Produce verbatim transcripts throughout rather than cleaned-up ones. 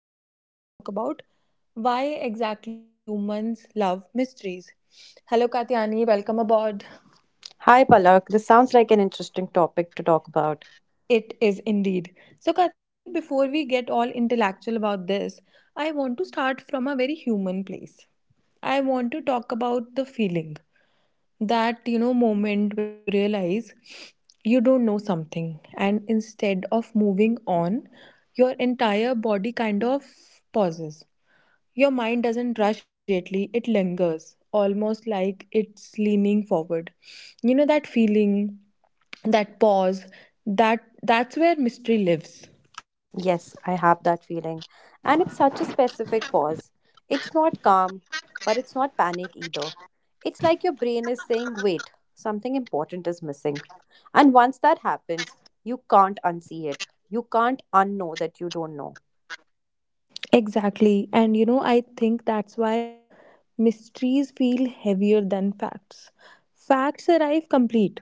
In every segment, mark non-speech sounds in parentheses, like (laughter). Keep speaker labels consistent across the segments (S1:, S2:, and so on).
S1: and we are going to talk about why exactly humans love mysteries. Hello, Katyani, welcome aboard.
S2: Hi Palak, this sounds like an interesting topic to talk about.
S1: It is indeed. So, Katyani, before we get all intellectual about this, I want to start from a very human place. I want to talk about the feeling, that you know moment when you realize you don't know something, and instead of moving on, your entire body kind of pauses. Your mind doesn't rush immediately, it lingers, almost like it's leaning forward. You know that feeling, that pause? That that's where mystery lives.
S2: Yes, I have that feeling. And it's such a specific pause. It's not calm, but it's not panic either. It's like your brain is saying, wait, something important is missing. And once that happens, you can't unsee it. You can't unknow that you don't know.
S1: Exactly. And you know, I think that's why mysteries feel heavier than facts. Facts arrive complete,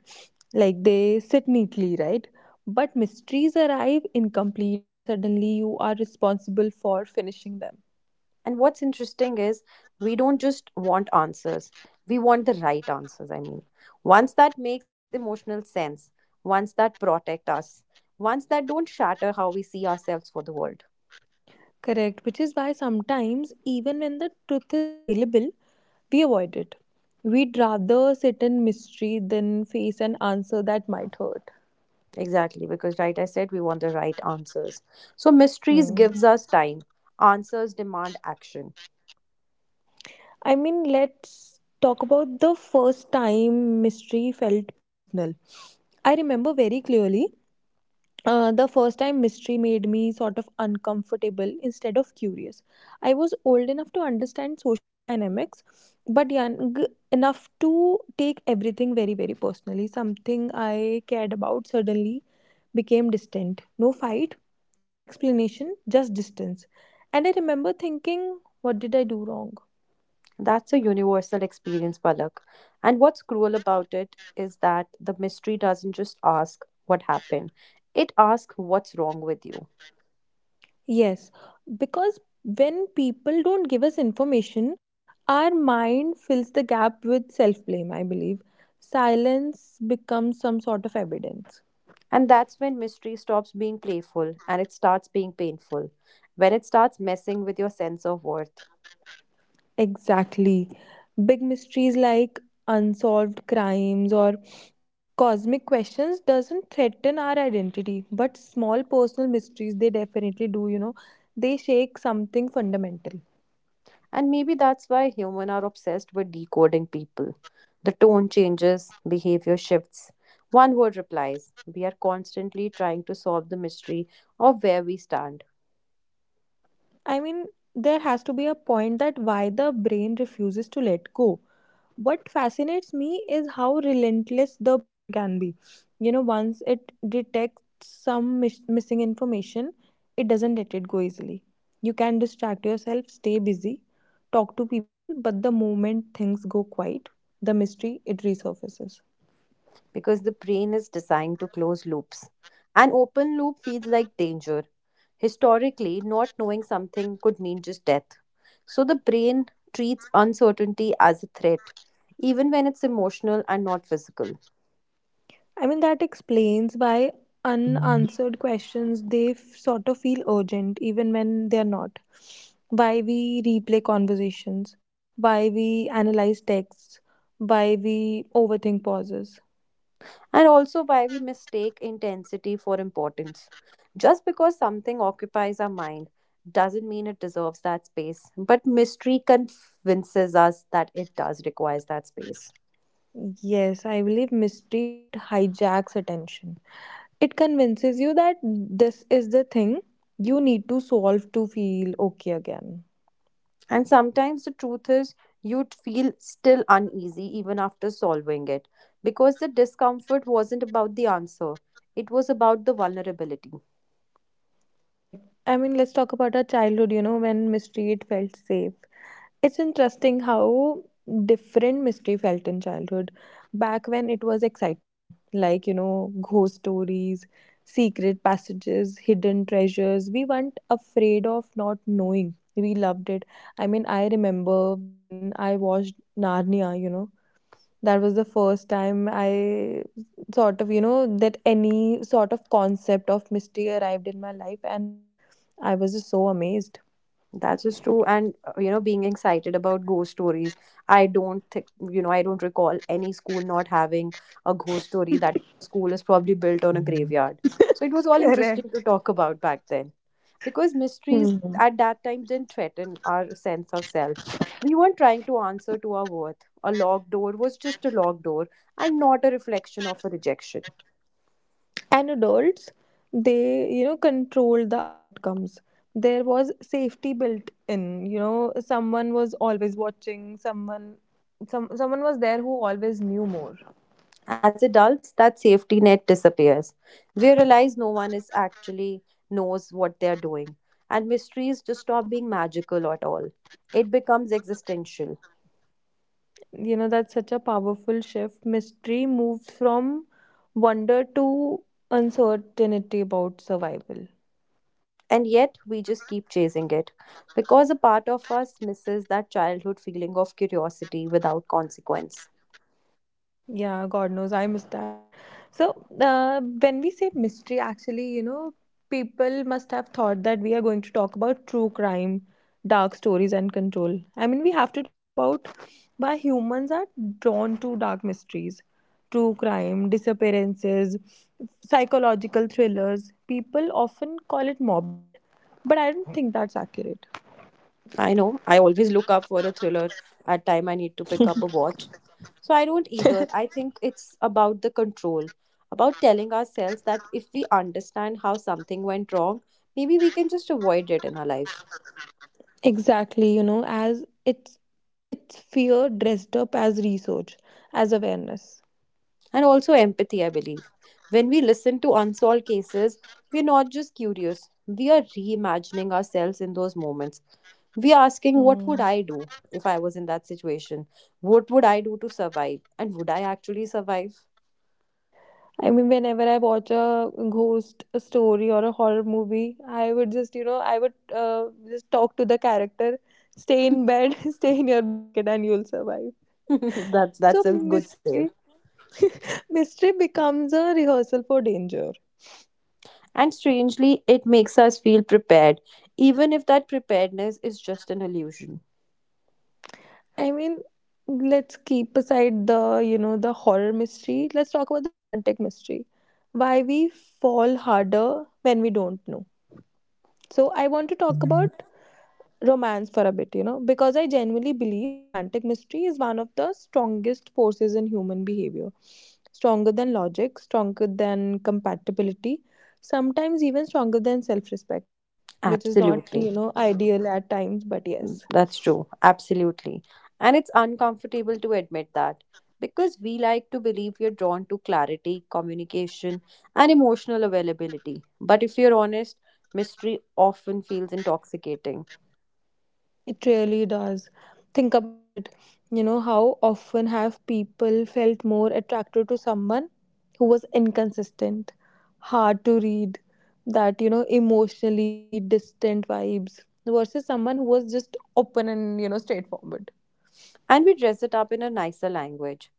S1: like they sit neatly, right? But mysteries arrive incomplete, and suddenly you are responsible for finishing them.
S2: And what's interesting is we don't just want answers, we want the right answers. I mean, ones that makes emotional sense, ones that protect us, ones that don't shatter how we see ourselves for the world.
S1: Correct, which is why sometimes, even when the truth is available, we avoid it. We'd rather sit in mystery than face an answer that might hurt.
S2: Exactly, because right, I said we want the right answers. So mysteries
S1: Hmm.
S2: gives us time, answers demand action.
S1: I mean, let's talk about the first time mystery felt personal. I remember very clearly uh, the first time mystery made me sort of uncomfortable instead of curious. I was old enough to understand social dynamics, but young enough to take everything very, very personally. Something I cared about suddenly became distant. No fight, no explanation, just distance. And I remember thinking, what did I do wrong?
S2: That's a universal experience, Palak. And what's cruel about it is that the mystery doesn't just ask what happened; it asks what's wrong with you.
S1: Yes, because when people don't give us information, our mind fills the gap with self blame, I believe. Silence becomes some sort of evidence.
S2: And that's when mystery stops being playful and it starts being painful, when it starts messing with your sense of worth.
S1: Exactly. Big mysteries like unsolved crimes or cosmic questions doesn't threaten our identity, but small personal mysteries they definitely do, you know. They shake something fundamental.
S2: And maybe that's why humans are obsessed with decoding people. The tone changes, behavior shifts, one word replies. We are constantly trying to solve the mystery of where we stand.
S1: I mean, there has to be a point that why the brain refuses to let go. What fascinates me is how relentless the brain can be. You know once it detects some mis- missing information, it doesn't let it go easily. You can distract yourself, stay busy, talk to people, but the moment things go quiet, the mystery, it resurfaces.
S2: Because the brain is designed to close loops. An open loop feels like danger. Historically, not knowing something could mean just death. So the brain treats uncertainty as a threat, even when it's emotional and not physical.
S1: I mean, that explains why
S2: And
S1: unanswered questions they f- sort of feel urgent even when they're not. Why we replay conversations, why we analyze texts, why we overthink pauses.
S2: also, why we mistake intensity for importance. Just because something occupies our mind doesn't mean it deserves that space, but mystery convinces us that it does requires that space.
S1: Yes, I believe mystery it hijacks attention. It convinces you that this is the thing you need to solve to feel okay again.
S2: And sometimes the truth is, you'd feel still uneasy even after solving it because the discomfort wasn't about the answer, it was about the vulnerability.
S1: Correct. I mean, let's talk about our childhood, you know, when mystery it felt safe. It's interesting how different mystery felt in childhood. Back when it was exciting, like, you know, ghost stories, secret passages, hidden treasures, we weren't afraid of not knowing. We loved it. I mean, I remember when I watched Narnia, you know, that was the first time I sort of, you know, that any sort of concept of mystery arrived in my life, and I was just so amazed.
S2: That is true. And, uh, you know, being excited about ghost stories, I don't think, you know, I don't recall any school not having a ghost story that the school is probably built on a graveyard. So it was all interesting
S1: Correct.
S2: to talk about back then because mysteries
S1: Hmm.
S2: at that time didn't threaten our sense of self. We weren't trying to answer to our worth. A locked door was just a locked door and not a reflection of a rejection.
S1: And adults, they you know controlled the outcomes. There was safety built in. You know someone was always watching, someone, some someone was there who always knew more.
S2: As adults, that safety net disappears. We realize no one is actually knows what they're doing, and mysteries just stop being magical at all. It becomes existential.
S1: You know that's such a powerful shift, mystery moved from wonder to uncertainty about survival.
S2: And yet, we just keep chasing it because a part of us misses that childhood feeling of curiosity without consequence.
S1: Yeah, God knows I miss that. So, uh, when we say mystery, actually, you know, people must have thought that we are going to talk about true crime, dark stories, and control. I mean, we have to talk about why humans are drawn to dark mysteries, true crime, disappearances, psychological thrillers. People often call it morbid, but I don't think that's accurate.
S2: I know. I always look up for a thriller at time I need to pick up a watch. So I don't either. I think it's about the control, about telling ourselves that if we understand how something went wrong, maybe we can just avoid it in our life.
S1: Exactly, you know, as it's it's fear dressed up as research, as awareness.
S2: And also empathy, I believe. When we listen to unsolved cases, we're not just curious. We are reimagining ourselves in those moments. We are asking,
S1: Hmm.
S2: what would I do if I was in that situation? What would I do to survive? And would I actually survive?
S1: I mean, whenever I watch a ghost story or a horror movie, I would just, you know, I would uh, just talk to the character, stay in bed, (laughs) stay in your blanket, and you'll survive.
S2: (laughs) that's
S1: So
S2: that's a good save.
S1: mystery, (laughs) mystery becomes a rehearsal for danger.
S2: And strangely, it makes us feel prepared, even if that preparedness is just an illusion.
S1: I mean, let's keep aside the, you know, the horror mystery. Let's talk about the romantic mystery. Why we fall harder when we don't know. So I want to talk about romance for a bit, you know, because I genuinely believe romantic mystery is one of the strongest forces in human behavior. Stronger than logic, stronger than compatibility, sometimes even stronger than self respect, which is not, you
S2: Absolutely.
S1: know, ideal at times, but yes.
S2: That's true. Absolutely. And it's uncomfortable to admit that because we like to believe we're drawn to clarity, communication, and emotional availability. But if you're honest, mystery often feels intoxicating.
S1: It really does. Think about it. You know, how often have people felt more attracted to someone who was inconsistent, hard to read, that, you know, emotionally distant vibes versus someone who was just open and, you know, straightforward?
S2: And we dress it up in a nicer language.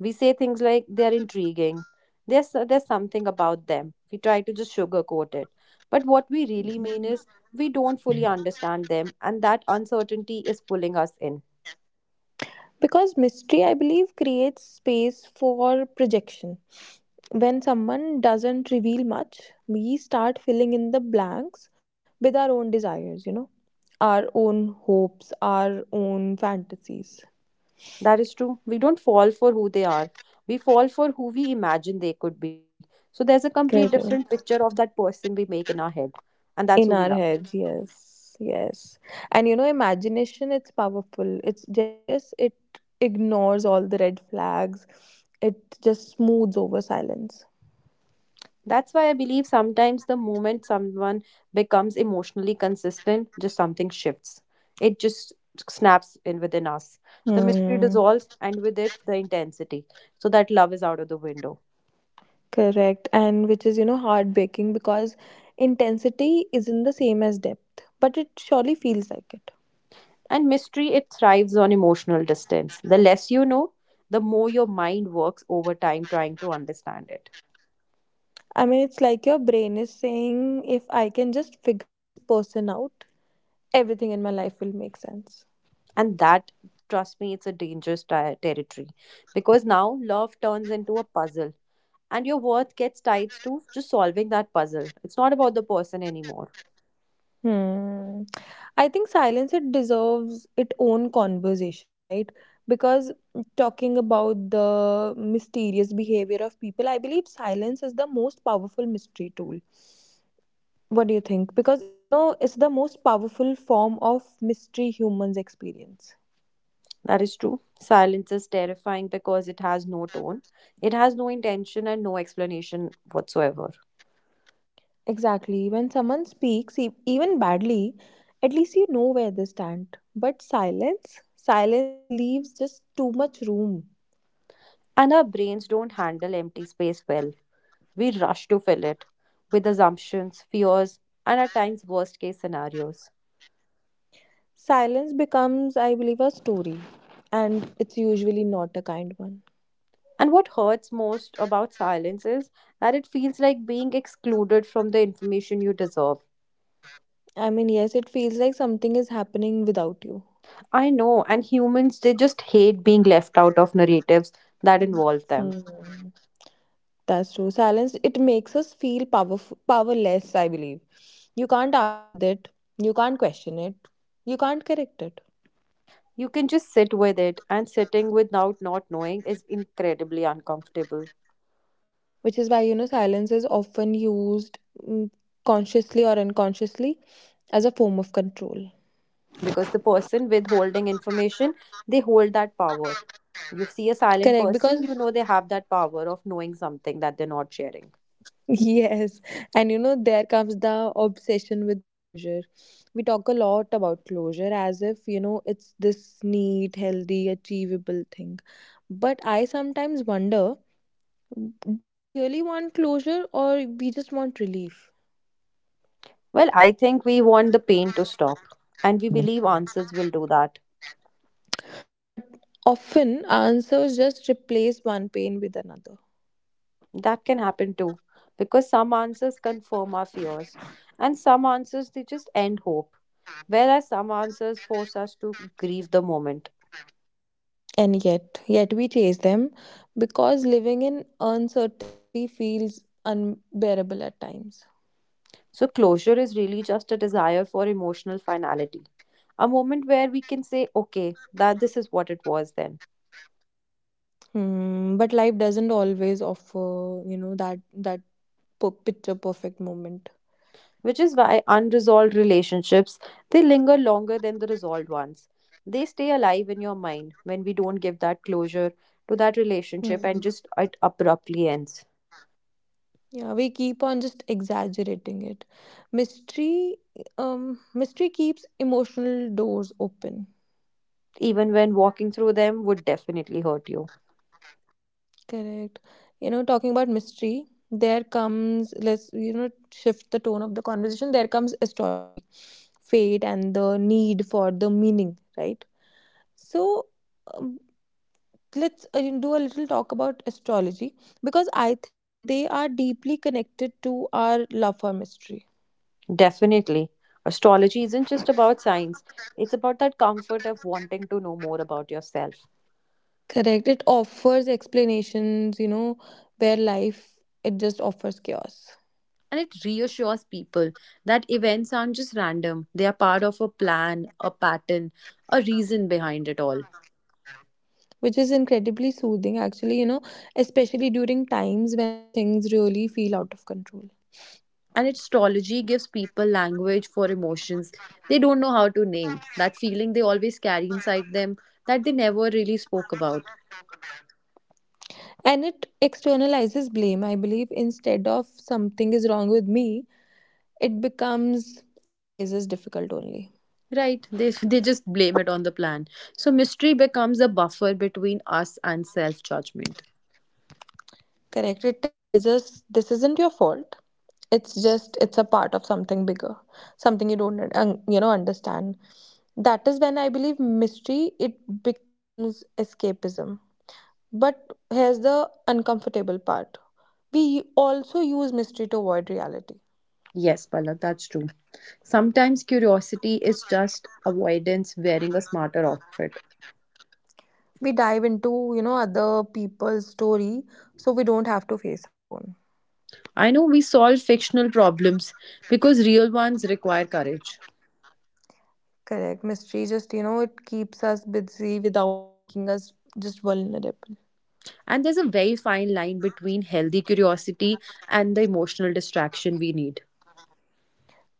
S2: We say things like they are intriguing. There's there's something about them. We try to just sugarcoat it. But what we really mean is we don't fully understand them and that uncertainty is pulling us in.
S1: Because mystery, I believe, creates space for projection. When someone doesn't reveal much, we start filling in the blanks with our own desires, you know, our own hopes, our own fantasies.
S2: That is true. We don't fall for who they are. We fall for who we imagine they could be. So there's a complete different
S1: Correct.
S2: picture of that person we make in our head and
S1: In
S2: that's who
S1: our
S2: we love.
S1: heads, yes, yes. And you know, imagination, it's powerful, it's generous, it ignores all the red flags, it just smooths over silence.
S2: That's why I believe sometimes the moment someone becomes emotionally consistent, just something shifts. It just snaps in within us. The mystery
S1: Hmm.
S2: dissolves, and with it, the intensity. So that love is out of the window.
S1: Correct. And which is, you know, heartbreaking because intensity isn't the same as depth, but it surely feels like it.
S2: And mystery, it thrives on emotional distance. The less you know, the more your mind works over time trying to understand it.
S1: I mean, it's like your brain is saying, if I can just figure this person out, everything in my life will make sense.
S2: And that, trust me, it's a dangerous ti- territory because now love turns into a puzzle and your worth gets tied to just solving that puzzle, it's not about the person anymore.
S1: Hmm. I think silence it deserves its own conversation, right? Because talking about the mysterious behavior of people, I believe silence is the most powerful mystery tool. What do you think? Because it, you know, it's the most powerful form of mystery humans experience.
S2: That is true. Silence is terrifying because it has no tone, it has no intention and no explanation whatsoever.
S1: Exactly. When someone speaks, e- even badly, at least you know where they stand. But silence, silence leaves just too much room.
S2: And our brains don't handle empty space well, we rush to fill it with assumptions, fears, and at times worst case scenarios.
S1: Silence becomes, I believe, a story, and it's usually not a kind one.
S2: And what hurts most about silence is that it feels like being excluded from the information you deserve.
S1: I mean, yes, it feels like something is happening without you.
S2: I know, and humans, they just hate being left out of narratives that involve them.
S1: Hmm. That's true. Silence, it makes us feel powerful, powerless, I believe. You can't argue with it, you can't question it, you can't correct it.
S2: You can just sit with it, and sitting without not knowing is incredibly uncomfortable
S1: Which is why you know silence is often used, mm, consciously or unconsciously, as a form of control.
S2: because the person withholding information, they hold that power. You see a silent
S1: Correct,
S2: person,
S1: because.
S2: you
S1: (laughs)
S2: know they have that power of knowing something that they're not sharing.
S1: Yes, and you know, there comes the obsession with closure. We talk a lot about closure as if, you know, it's this neat, healthy, achievable thing. But I sometimes wonder, do we really want closure or we just want relief?
S2: Well, I think we want the pain to stop, and we believe answers will do that.
S1: But often, answers just replace one pain with another.
S2: That can happen too, because some answers confirm our fears, and some answers they just end hope, whereas some answers force us to grieve the moment.
S1: And yet yet we chase them because living in uncertainty feels unbearable at times.
S2: So, closure is really just a desire for emotional finality, a moment where we can say, okay, that this is what it was then.
S1: Hmm, but life doesn't always offer you know that that per- picture perfect moment.
S2: Which is why unresolved relationships they linger longer than the resolved ones. They stay alive in your mind when we don't give that closure to that
S1: Hmm.
S2: relationship and just it abruptly ends.
S1: Yeah, we keep on just exaggerating it. mystery um Mystery keeps emotional doors open.
S2: Even when walking through them would definitely hurt you.
S1: Correct. You know, talking about mystery. There comes, let's, you know, shift the tone of the conversation. There comes astrology, fate, and the need for the meaning, right? So, um, let's uh, you know, do a little talk about astrology because I think they are deeply connected to our love for mystery.
S2: Definitely. Astrology isn't just about science, it's about that comfort of wanting to know more about yourself.
S1: Correct. It offers explanations, you know, where life, it just offers chaos.
S2: And it reassures people that events aren't just random, they are part of a plan, a pattern, a reason behind it all.
S1: Which is incredibly soothing actually, you know especially during times when things really feel out of control.
S2: And astrology gives people language for emotions they don't know how to name, that feeling they always carry inside them that they never really spoke about.
S1: And it externalizes blame, I believe. Instead of something is wrong with me, it becomes, this phase is difficult only.
S2: Right, they, (laughs) they just blame it on the plan. So mystery becomes a buffer between us and self judgment.
S1: Correct, it tells us this isn't your fault, it's just it's a part of something bigger, something you don't un- you know understand. That is when I believe mystery, it becomes escapism. But here's the uncomfortable part. We also use mystery to avoid reality.
S2: Yes, Palak, that's true. Sometimes curiosity is just avoidance wearing a smarter outfit.
S1: We dive into, you know, other people's story so we don't have to face our own.
S2: I know, we solve fictional problems because real ones require courage.
S1: Correct. Mystery just, you know, it keeps us busy without making us just vulnerable.
S2: And there's a very fine line between healthy curiosity and the emotional distraction we need.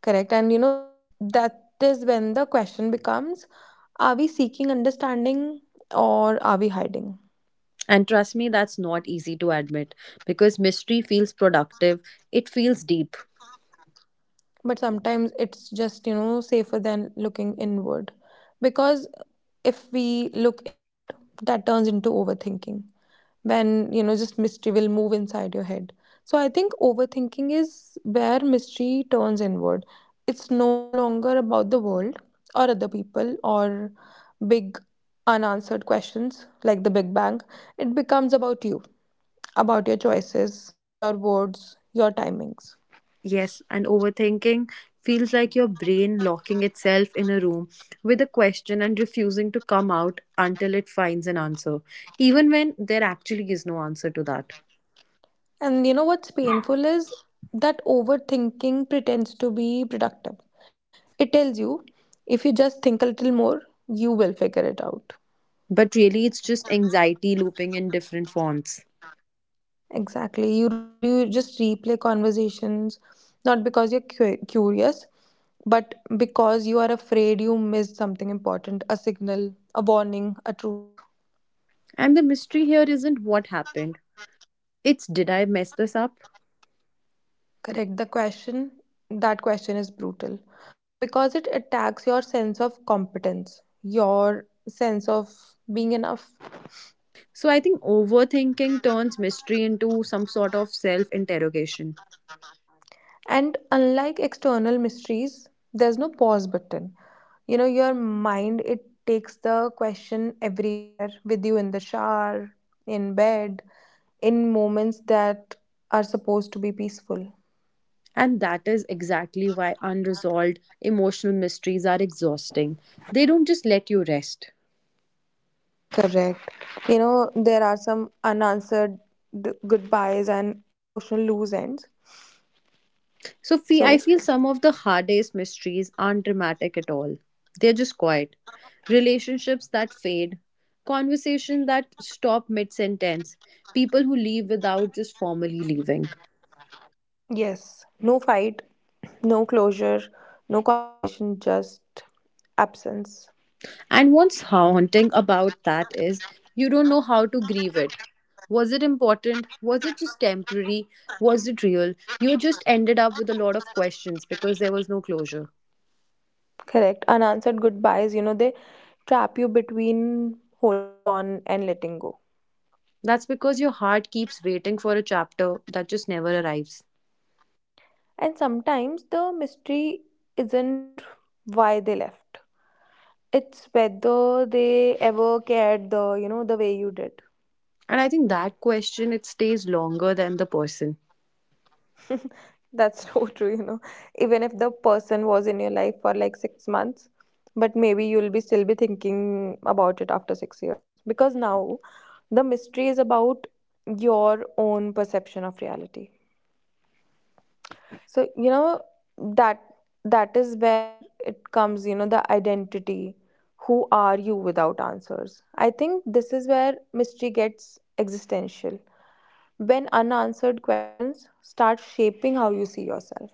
S1: Correct. And you know, that is when the question becomes, are we seeking understanding or are we hiding?
S2: And trust me, that's not easy to admit because mystery feels productive, it feels deep.
S1: But sometimes it's just you know safer than looking inward, because if we look inward, that turns into overthinking. When you know just mystery will move inside your head. So I think overthinking is where mystery turns inward. It's no longer about the world or other people or big unanswered questions like the big bang. It becomes about you, about your choices, your words, your timings.
S2: Yes, and overthinking feels like your brain locking itself in a room with a question and refusing to come out until it finds an answer, even when there actually is no answer to that.
S1: And you know what's painful is that overthinking pretends to be productive. It tells you if you just think a little more, you will figure it out.
S2: But really, it's just anxiety looping in different forms.
S1: Exactly. You, re- you just replay conversations, not because you're cu- curious, but because you are afraid you missed something important, a signal, a warning, a truth.
S2: And the mystery here isn't what happened, it's did I mess this up?
S1: Correct. The question, that question is brutal because it attacks your sense of competence, your sense of being enough.
S2: So I think overthinking turns mystery into some sort of self interrogation.
S1: And unlike external mysteries, there's no pause button. You know, your mind, it takes the question everywhere with you in the shower, in bed, in moments that are supposed to be peaceful.
S2: And that is exactly why unresolved emotional mysteries are exhausting. They don't just let you rest.
S1: Correct. You know, there are some unanswered d- goodbyes and emotional loose ends.
S2: So fe- I
S1: So,
S2: feel some of the hardest mysteries aren't dramatic at all. They're just quiet. Relationships that fade, conversations that stop mid sentence, people who leave without just formally leaving.
S1: yes, no fight, no closure, no conversation, just absence.
S2: And what's haunting about that is you don't know how to grieve it. Was it important? Was it just temporary? Was it real? You just ended up with a lot of questions because there was no closure.
S1: Correct. Unanswered goodbyes, you know, they trap you between holding on and letting go.
S2: That's because your heart keeps waiting for a chapter that just never arrives.
S1: And sometimes the mystery isn't why they left. It's whether they ever cared the, you know, the way you did.
S2: And I think that question it stays longer than the person.
S1: That's (laughs) so true, you know. Even if the person was in your life for like six months, but maybe you'll be still be thinking about it after six years. Because now the mystery is about your own perception of reality. So, you know, that that is where it comes, you know, the identity. Who are you without answers? I think this is where mystery gets existential. When unanswered questions start shaping how you see yourself.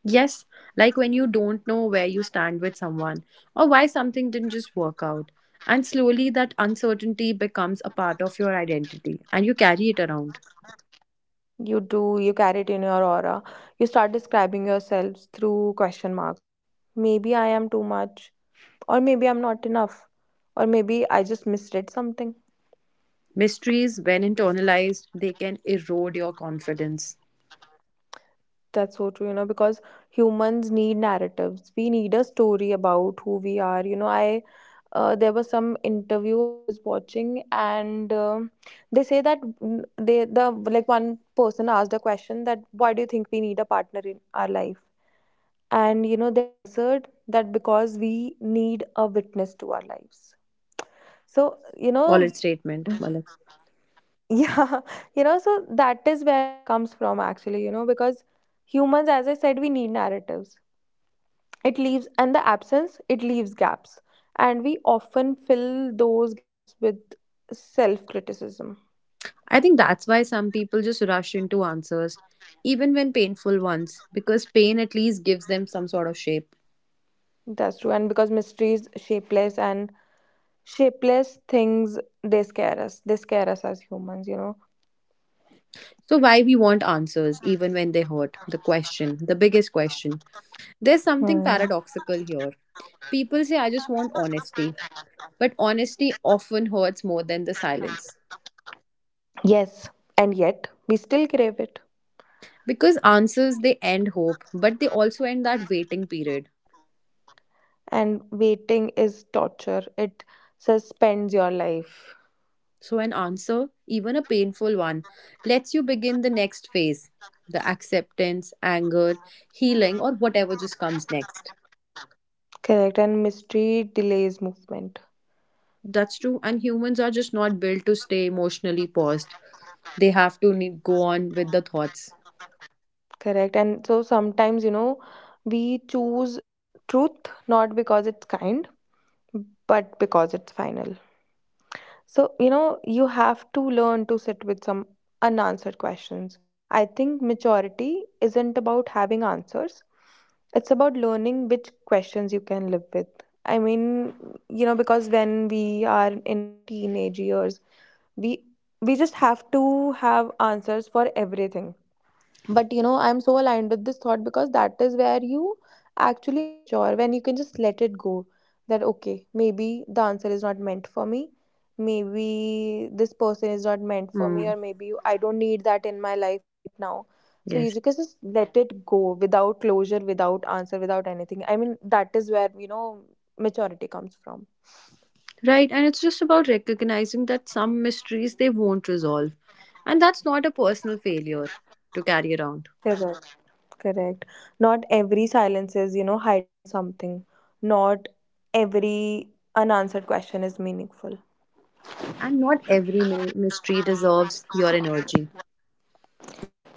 S2: Yes, like when you don't know where you stand with someone or why something didn't just work out. And slowly that uncertainty becomes a part of your identity and you carry it around.
S1: You do, you carry it in your aura. You start describing yourselves through question marks. Maybe I am too much, or maybe I'm not enough, or maybe I just misread something.
S2: Mysteries, when internalized, they can erode your confidence.
S1: That's so true, you know, because humans need narratives. We need a story about who we are. You know, I uh, There was some interview I was watching, and um they say that mm, they the like one person asked a question: that why do you think we need a partner in our life? And you know, they answered that because we need a witness to our lives. So you
S2: Solid
S1: know,
S2: statement, Malik.
S1: (laughs) yeah, you know, so that is where it comes from actually. You know, because humans, as I said, we need narratives. It leaves, and the absence it leaves gaps, and we often fill those gaps with self criticism.
S2: I think that's why some people just rush into answers, even when painful ones, because pain at least gives them some sort of shape.
S1: That's true, and because mystery is shapeless, and shapeless things they scare us they scare us as humans you know
S2: So, why we want answers, even when they hurt? The question, the biggest question. There's something
S1: Hmm.
S2: paradoxical here. People say, I just want honesty, but honesty often hurts more than the silence.
S1: Yes, and yet we still crave it.
S2: Because answers, they end hope, but they also end that waiting period.
S1: And waiting is torture. It suspends your life.
S2: So, an answer, even a painful one, lets you begin the next phase, the acceptance, anger, healing, or whatever just comes next.
S1: Correct. And mystery delays movement.
S2: That's true. And humans are just not built to stay emotionally paused, they have to ne- go on with the thoughts.
S1: Correct. And so sometimes, you know, we choose truth not because it's kind, but because it's final. So, you know, you have to learn to sit with some unanswered questions. I think maturity isn't about having answers, it's about learning which questions you can live with. I mean, you know, because when we are in our teenage years, we we just have to have answers for everything. But you know, I'm so aligned with this thought, because that is where you actually mature, when you can just let it go. That okay, maybe the answer is not meant for me, maybe this person is not meant for me,
S2: Hmm.
S1: or maybe I don't need that in my life right now. So you
S2: Yes.
S1: just can just let it go, without closure, without answer, without anything. I mean, that is where, you know, maturity comes from.
S2: Right. And it's just about recognizing that some mysteries they won't resolve. And that's not a personal failure to carry around.
S1: Correct. Correct. Not every silence is, you know, hiding something. Not every unanswered question is meaningful.
S2: And not every mi- mystery deserves your energy.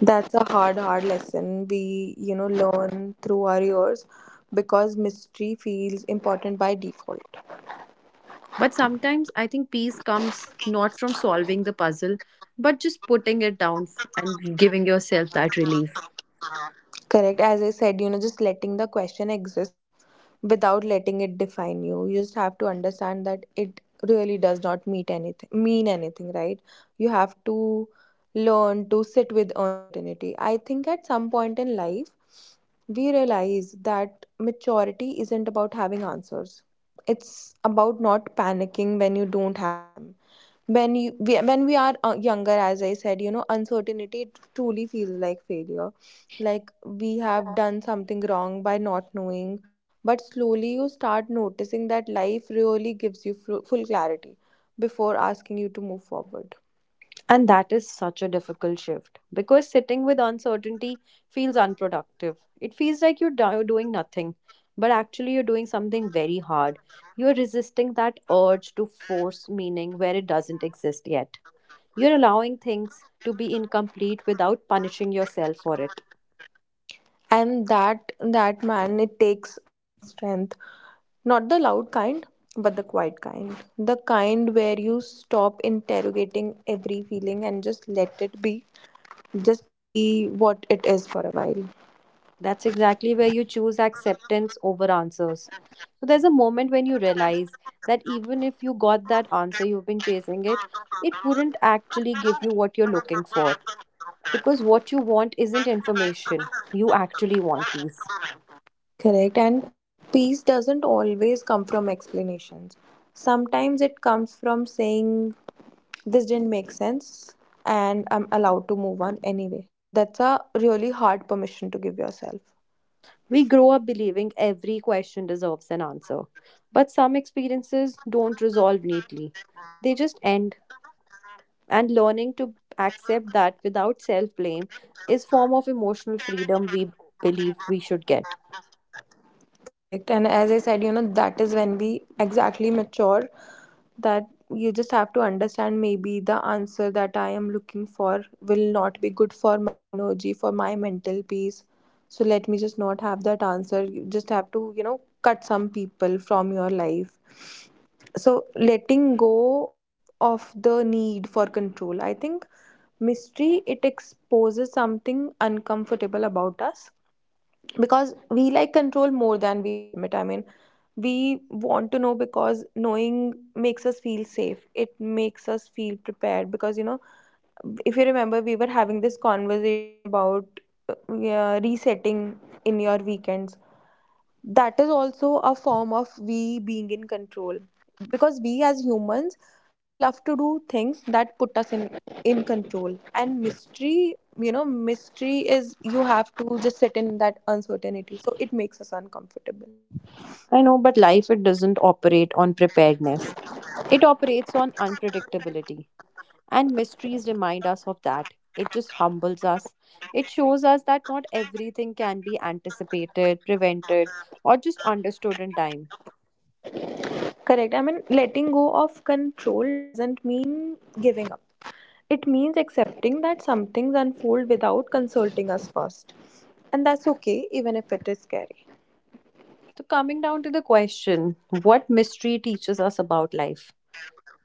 S1: That's a hard, hard lesson we, you know, learn through our years, because mystery feels important by default.
S2: But sometimes I think peace comes not from solving the puzzle, but just putting it down f- and giving yourself that relief.
S1: Correct. As I said, you know, just letting the question exist without letting it define you. You just have to understand that it really does not meet anything mean anything, right? You have to learn to sit with uncertainty. I think at some point in life we realize that maturity isn't about having answers. It's about not panicking when you don't have them. When you we, when we are uh, younger, as I said, you know, uncertainty truly feels like failure, like we have done something wrong by not knowing. But slowly you start noticing that life really gives you fru- full clarity before asking you to move forward.
S2: And that is such a difficult shift because sitting with uncertainty feels unproductive. It feels like you're do- doing nothing, but actually, you're doing something very hard. You're resisting that urge to force meaning where it doesn't exist yet. You're allowing things to be incomplete without punishing yourself for it.
S1: And that that man, it takes some strength. Not the loud kind, but the quiet kind, the kind where you stop interrogating every feeling and just let it be, just be what it is for a while.
S2: That's exactly where you choose acceptance over answers. So there's a moment when you realize that even if you got that answer you've been chasing it, it wouldn't actually give you what you're looking for. Because what you want isn't information, you actually want peace.
S1: Correct. And peace doesn't always come from explanations. Sometimes it comes from saying this didn't make sense, and I'm allowed to move on anyway. That's a really hard permission to give yourself.
S2: We grow up believing every question deserves an answer. But some experiences don't resolve neatly, they just end. And learning to accept that without self blame is form of emotional freedom we believe we should get.
S1: Correct. And as I said, you know, that is when we exactly mature, that you just have to understand maybe the answer that I am looking for will not be good for my energy, for my mental peace. So let me just not have that answer. You just have to, you know, cut some people from your life. So letting go of the need for control. I think mystery, it exposes something uncomfortable about us, because we like control more than we admit. I mean, we want to know because knowing makes us feel safe, it makes us feel prepared. Because you know, if you remember we were having this conversation about uh, yeah, resetting in your weekends, that is also a form of we being in control. Because we as humans, we love to do things that put us in in control. And mystery, you know, mystery is you have to just sit in that uncertainty, so it makes us uncomfortable.
S2: I know, but life it doesn't operate on preparedness. It operates on unpredictability. And mysteries remind us of that. It just humbles us. It shows us that not everything can be anticipated, prevented, or just understood in time.
S1: Correct. I mean, letting go of control doesn't mean giving up. It means accepting that some things unfold without consulting us first. And that's okay, even if it is scary.
S2: So, coming down to the question, what mystery teaches us about life?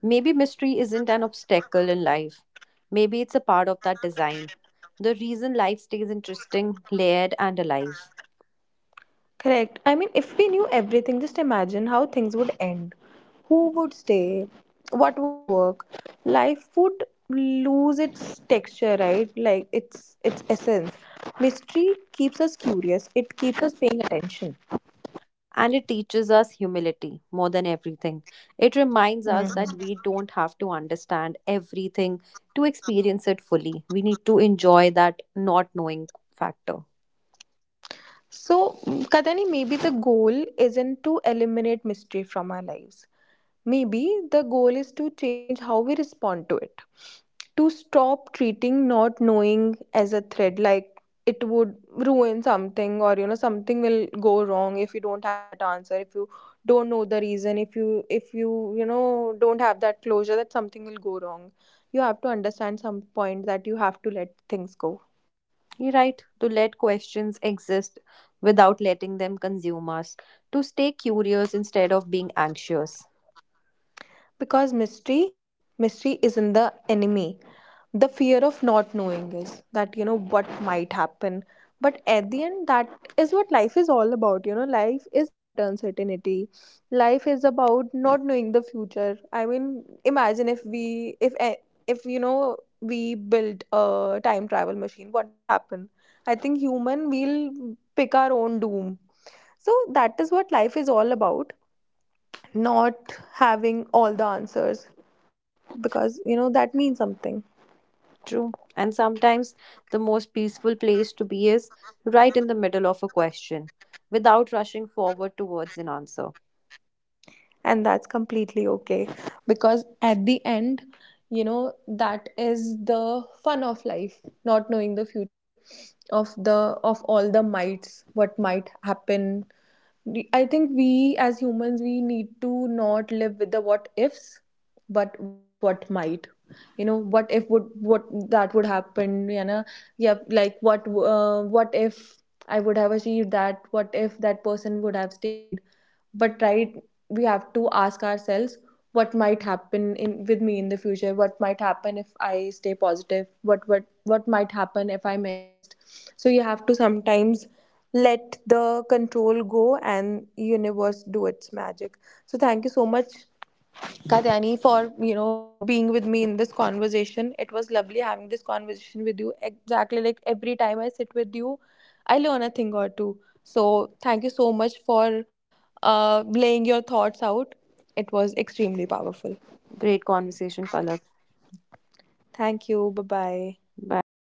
S2: Maybe mystery isn't an obstacle in life, maybe it's a part of that design. The reason life stays interesting, layered, and alive.
S1: Correct. I mean, if we knew everything, just imagine how things would end. Who would stay? What would work? Life would lose its texture, right? Like its its essence. Mystery keeps us curious. It keeps us paying attention.
S2: And it teaches us humility more than everything. It reminds us
S1: Mhm.
S2: that we don't have to understand everything to experience it fully. We need to enjoy that not knowing factor.
S1: So, mm, Kadani, maybe the goal isn't to eliminate mystery from our lives. Maybe the goal is to change how we respond to it. To stop treating not knowing as a threat, like it would ruin something, or you know, something will go wrong if you don't have that answer, if you don't know the reason, if you, if you, you know, don't have that closure, that something will go wrong. You have to understand some point that you have to let things go.
S2: You're right, to let questions exist without letting them consume us, to stay curious instead of being anxious.
S1: Because mystery mystery isn't the enemy. The fear of not knowing is that you know what might happen. But at the end, that is what life is all about. You know, life is about uncertainty. Life is about not knowing the future. I mean, imagine if we, if eh, if you know, we built a time travel machine, what would happen. I think human will pick our own doom. So that is what life is all about. Not having all the answers, because you know, that means something.
S2: True. And sometimes the most peaceful place to be is right in the middle of a question without rushing forward towards an answer.
S1: And that's completely okay, because at the end, you know, that is the fun of life, not knowing the future, of the of all the mights, what might happen. We- I think we as humans we need to not live with the what ifs, but with what might. You know, what if would what that would happen, you know. Yeah, like what uh, what if I would have achieved that, what if that person would have stayed. But right, we have to ask ourselves what might happen in with me in the future, what might happen if I stay positive, what what what might happen if I manifest. So you have to sometimes let the control go and universe do its magic. So thank you so much, Katyani, for you know being with me in this conversation. It was lovely having this conversation with you. Exactly like every time I sit with you, I learn a thing or two. So thank you so much for uh, laying your thoughts out. It was extremely powerful.
S2: Great conversation, Palak.
S1: Thank you. Bye bye.
S2: Bye.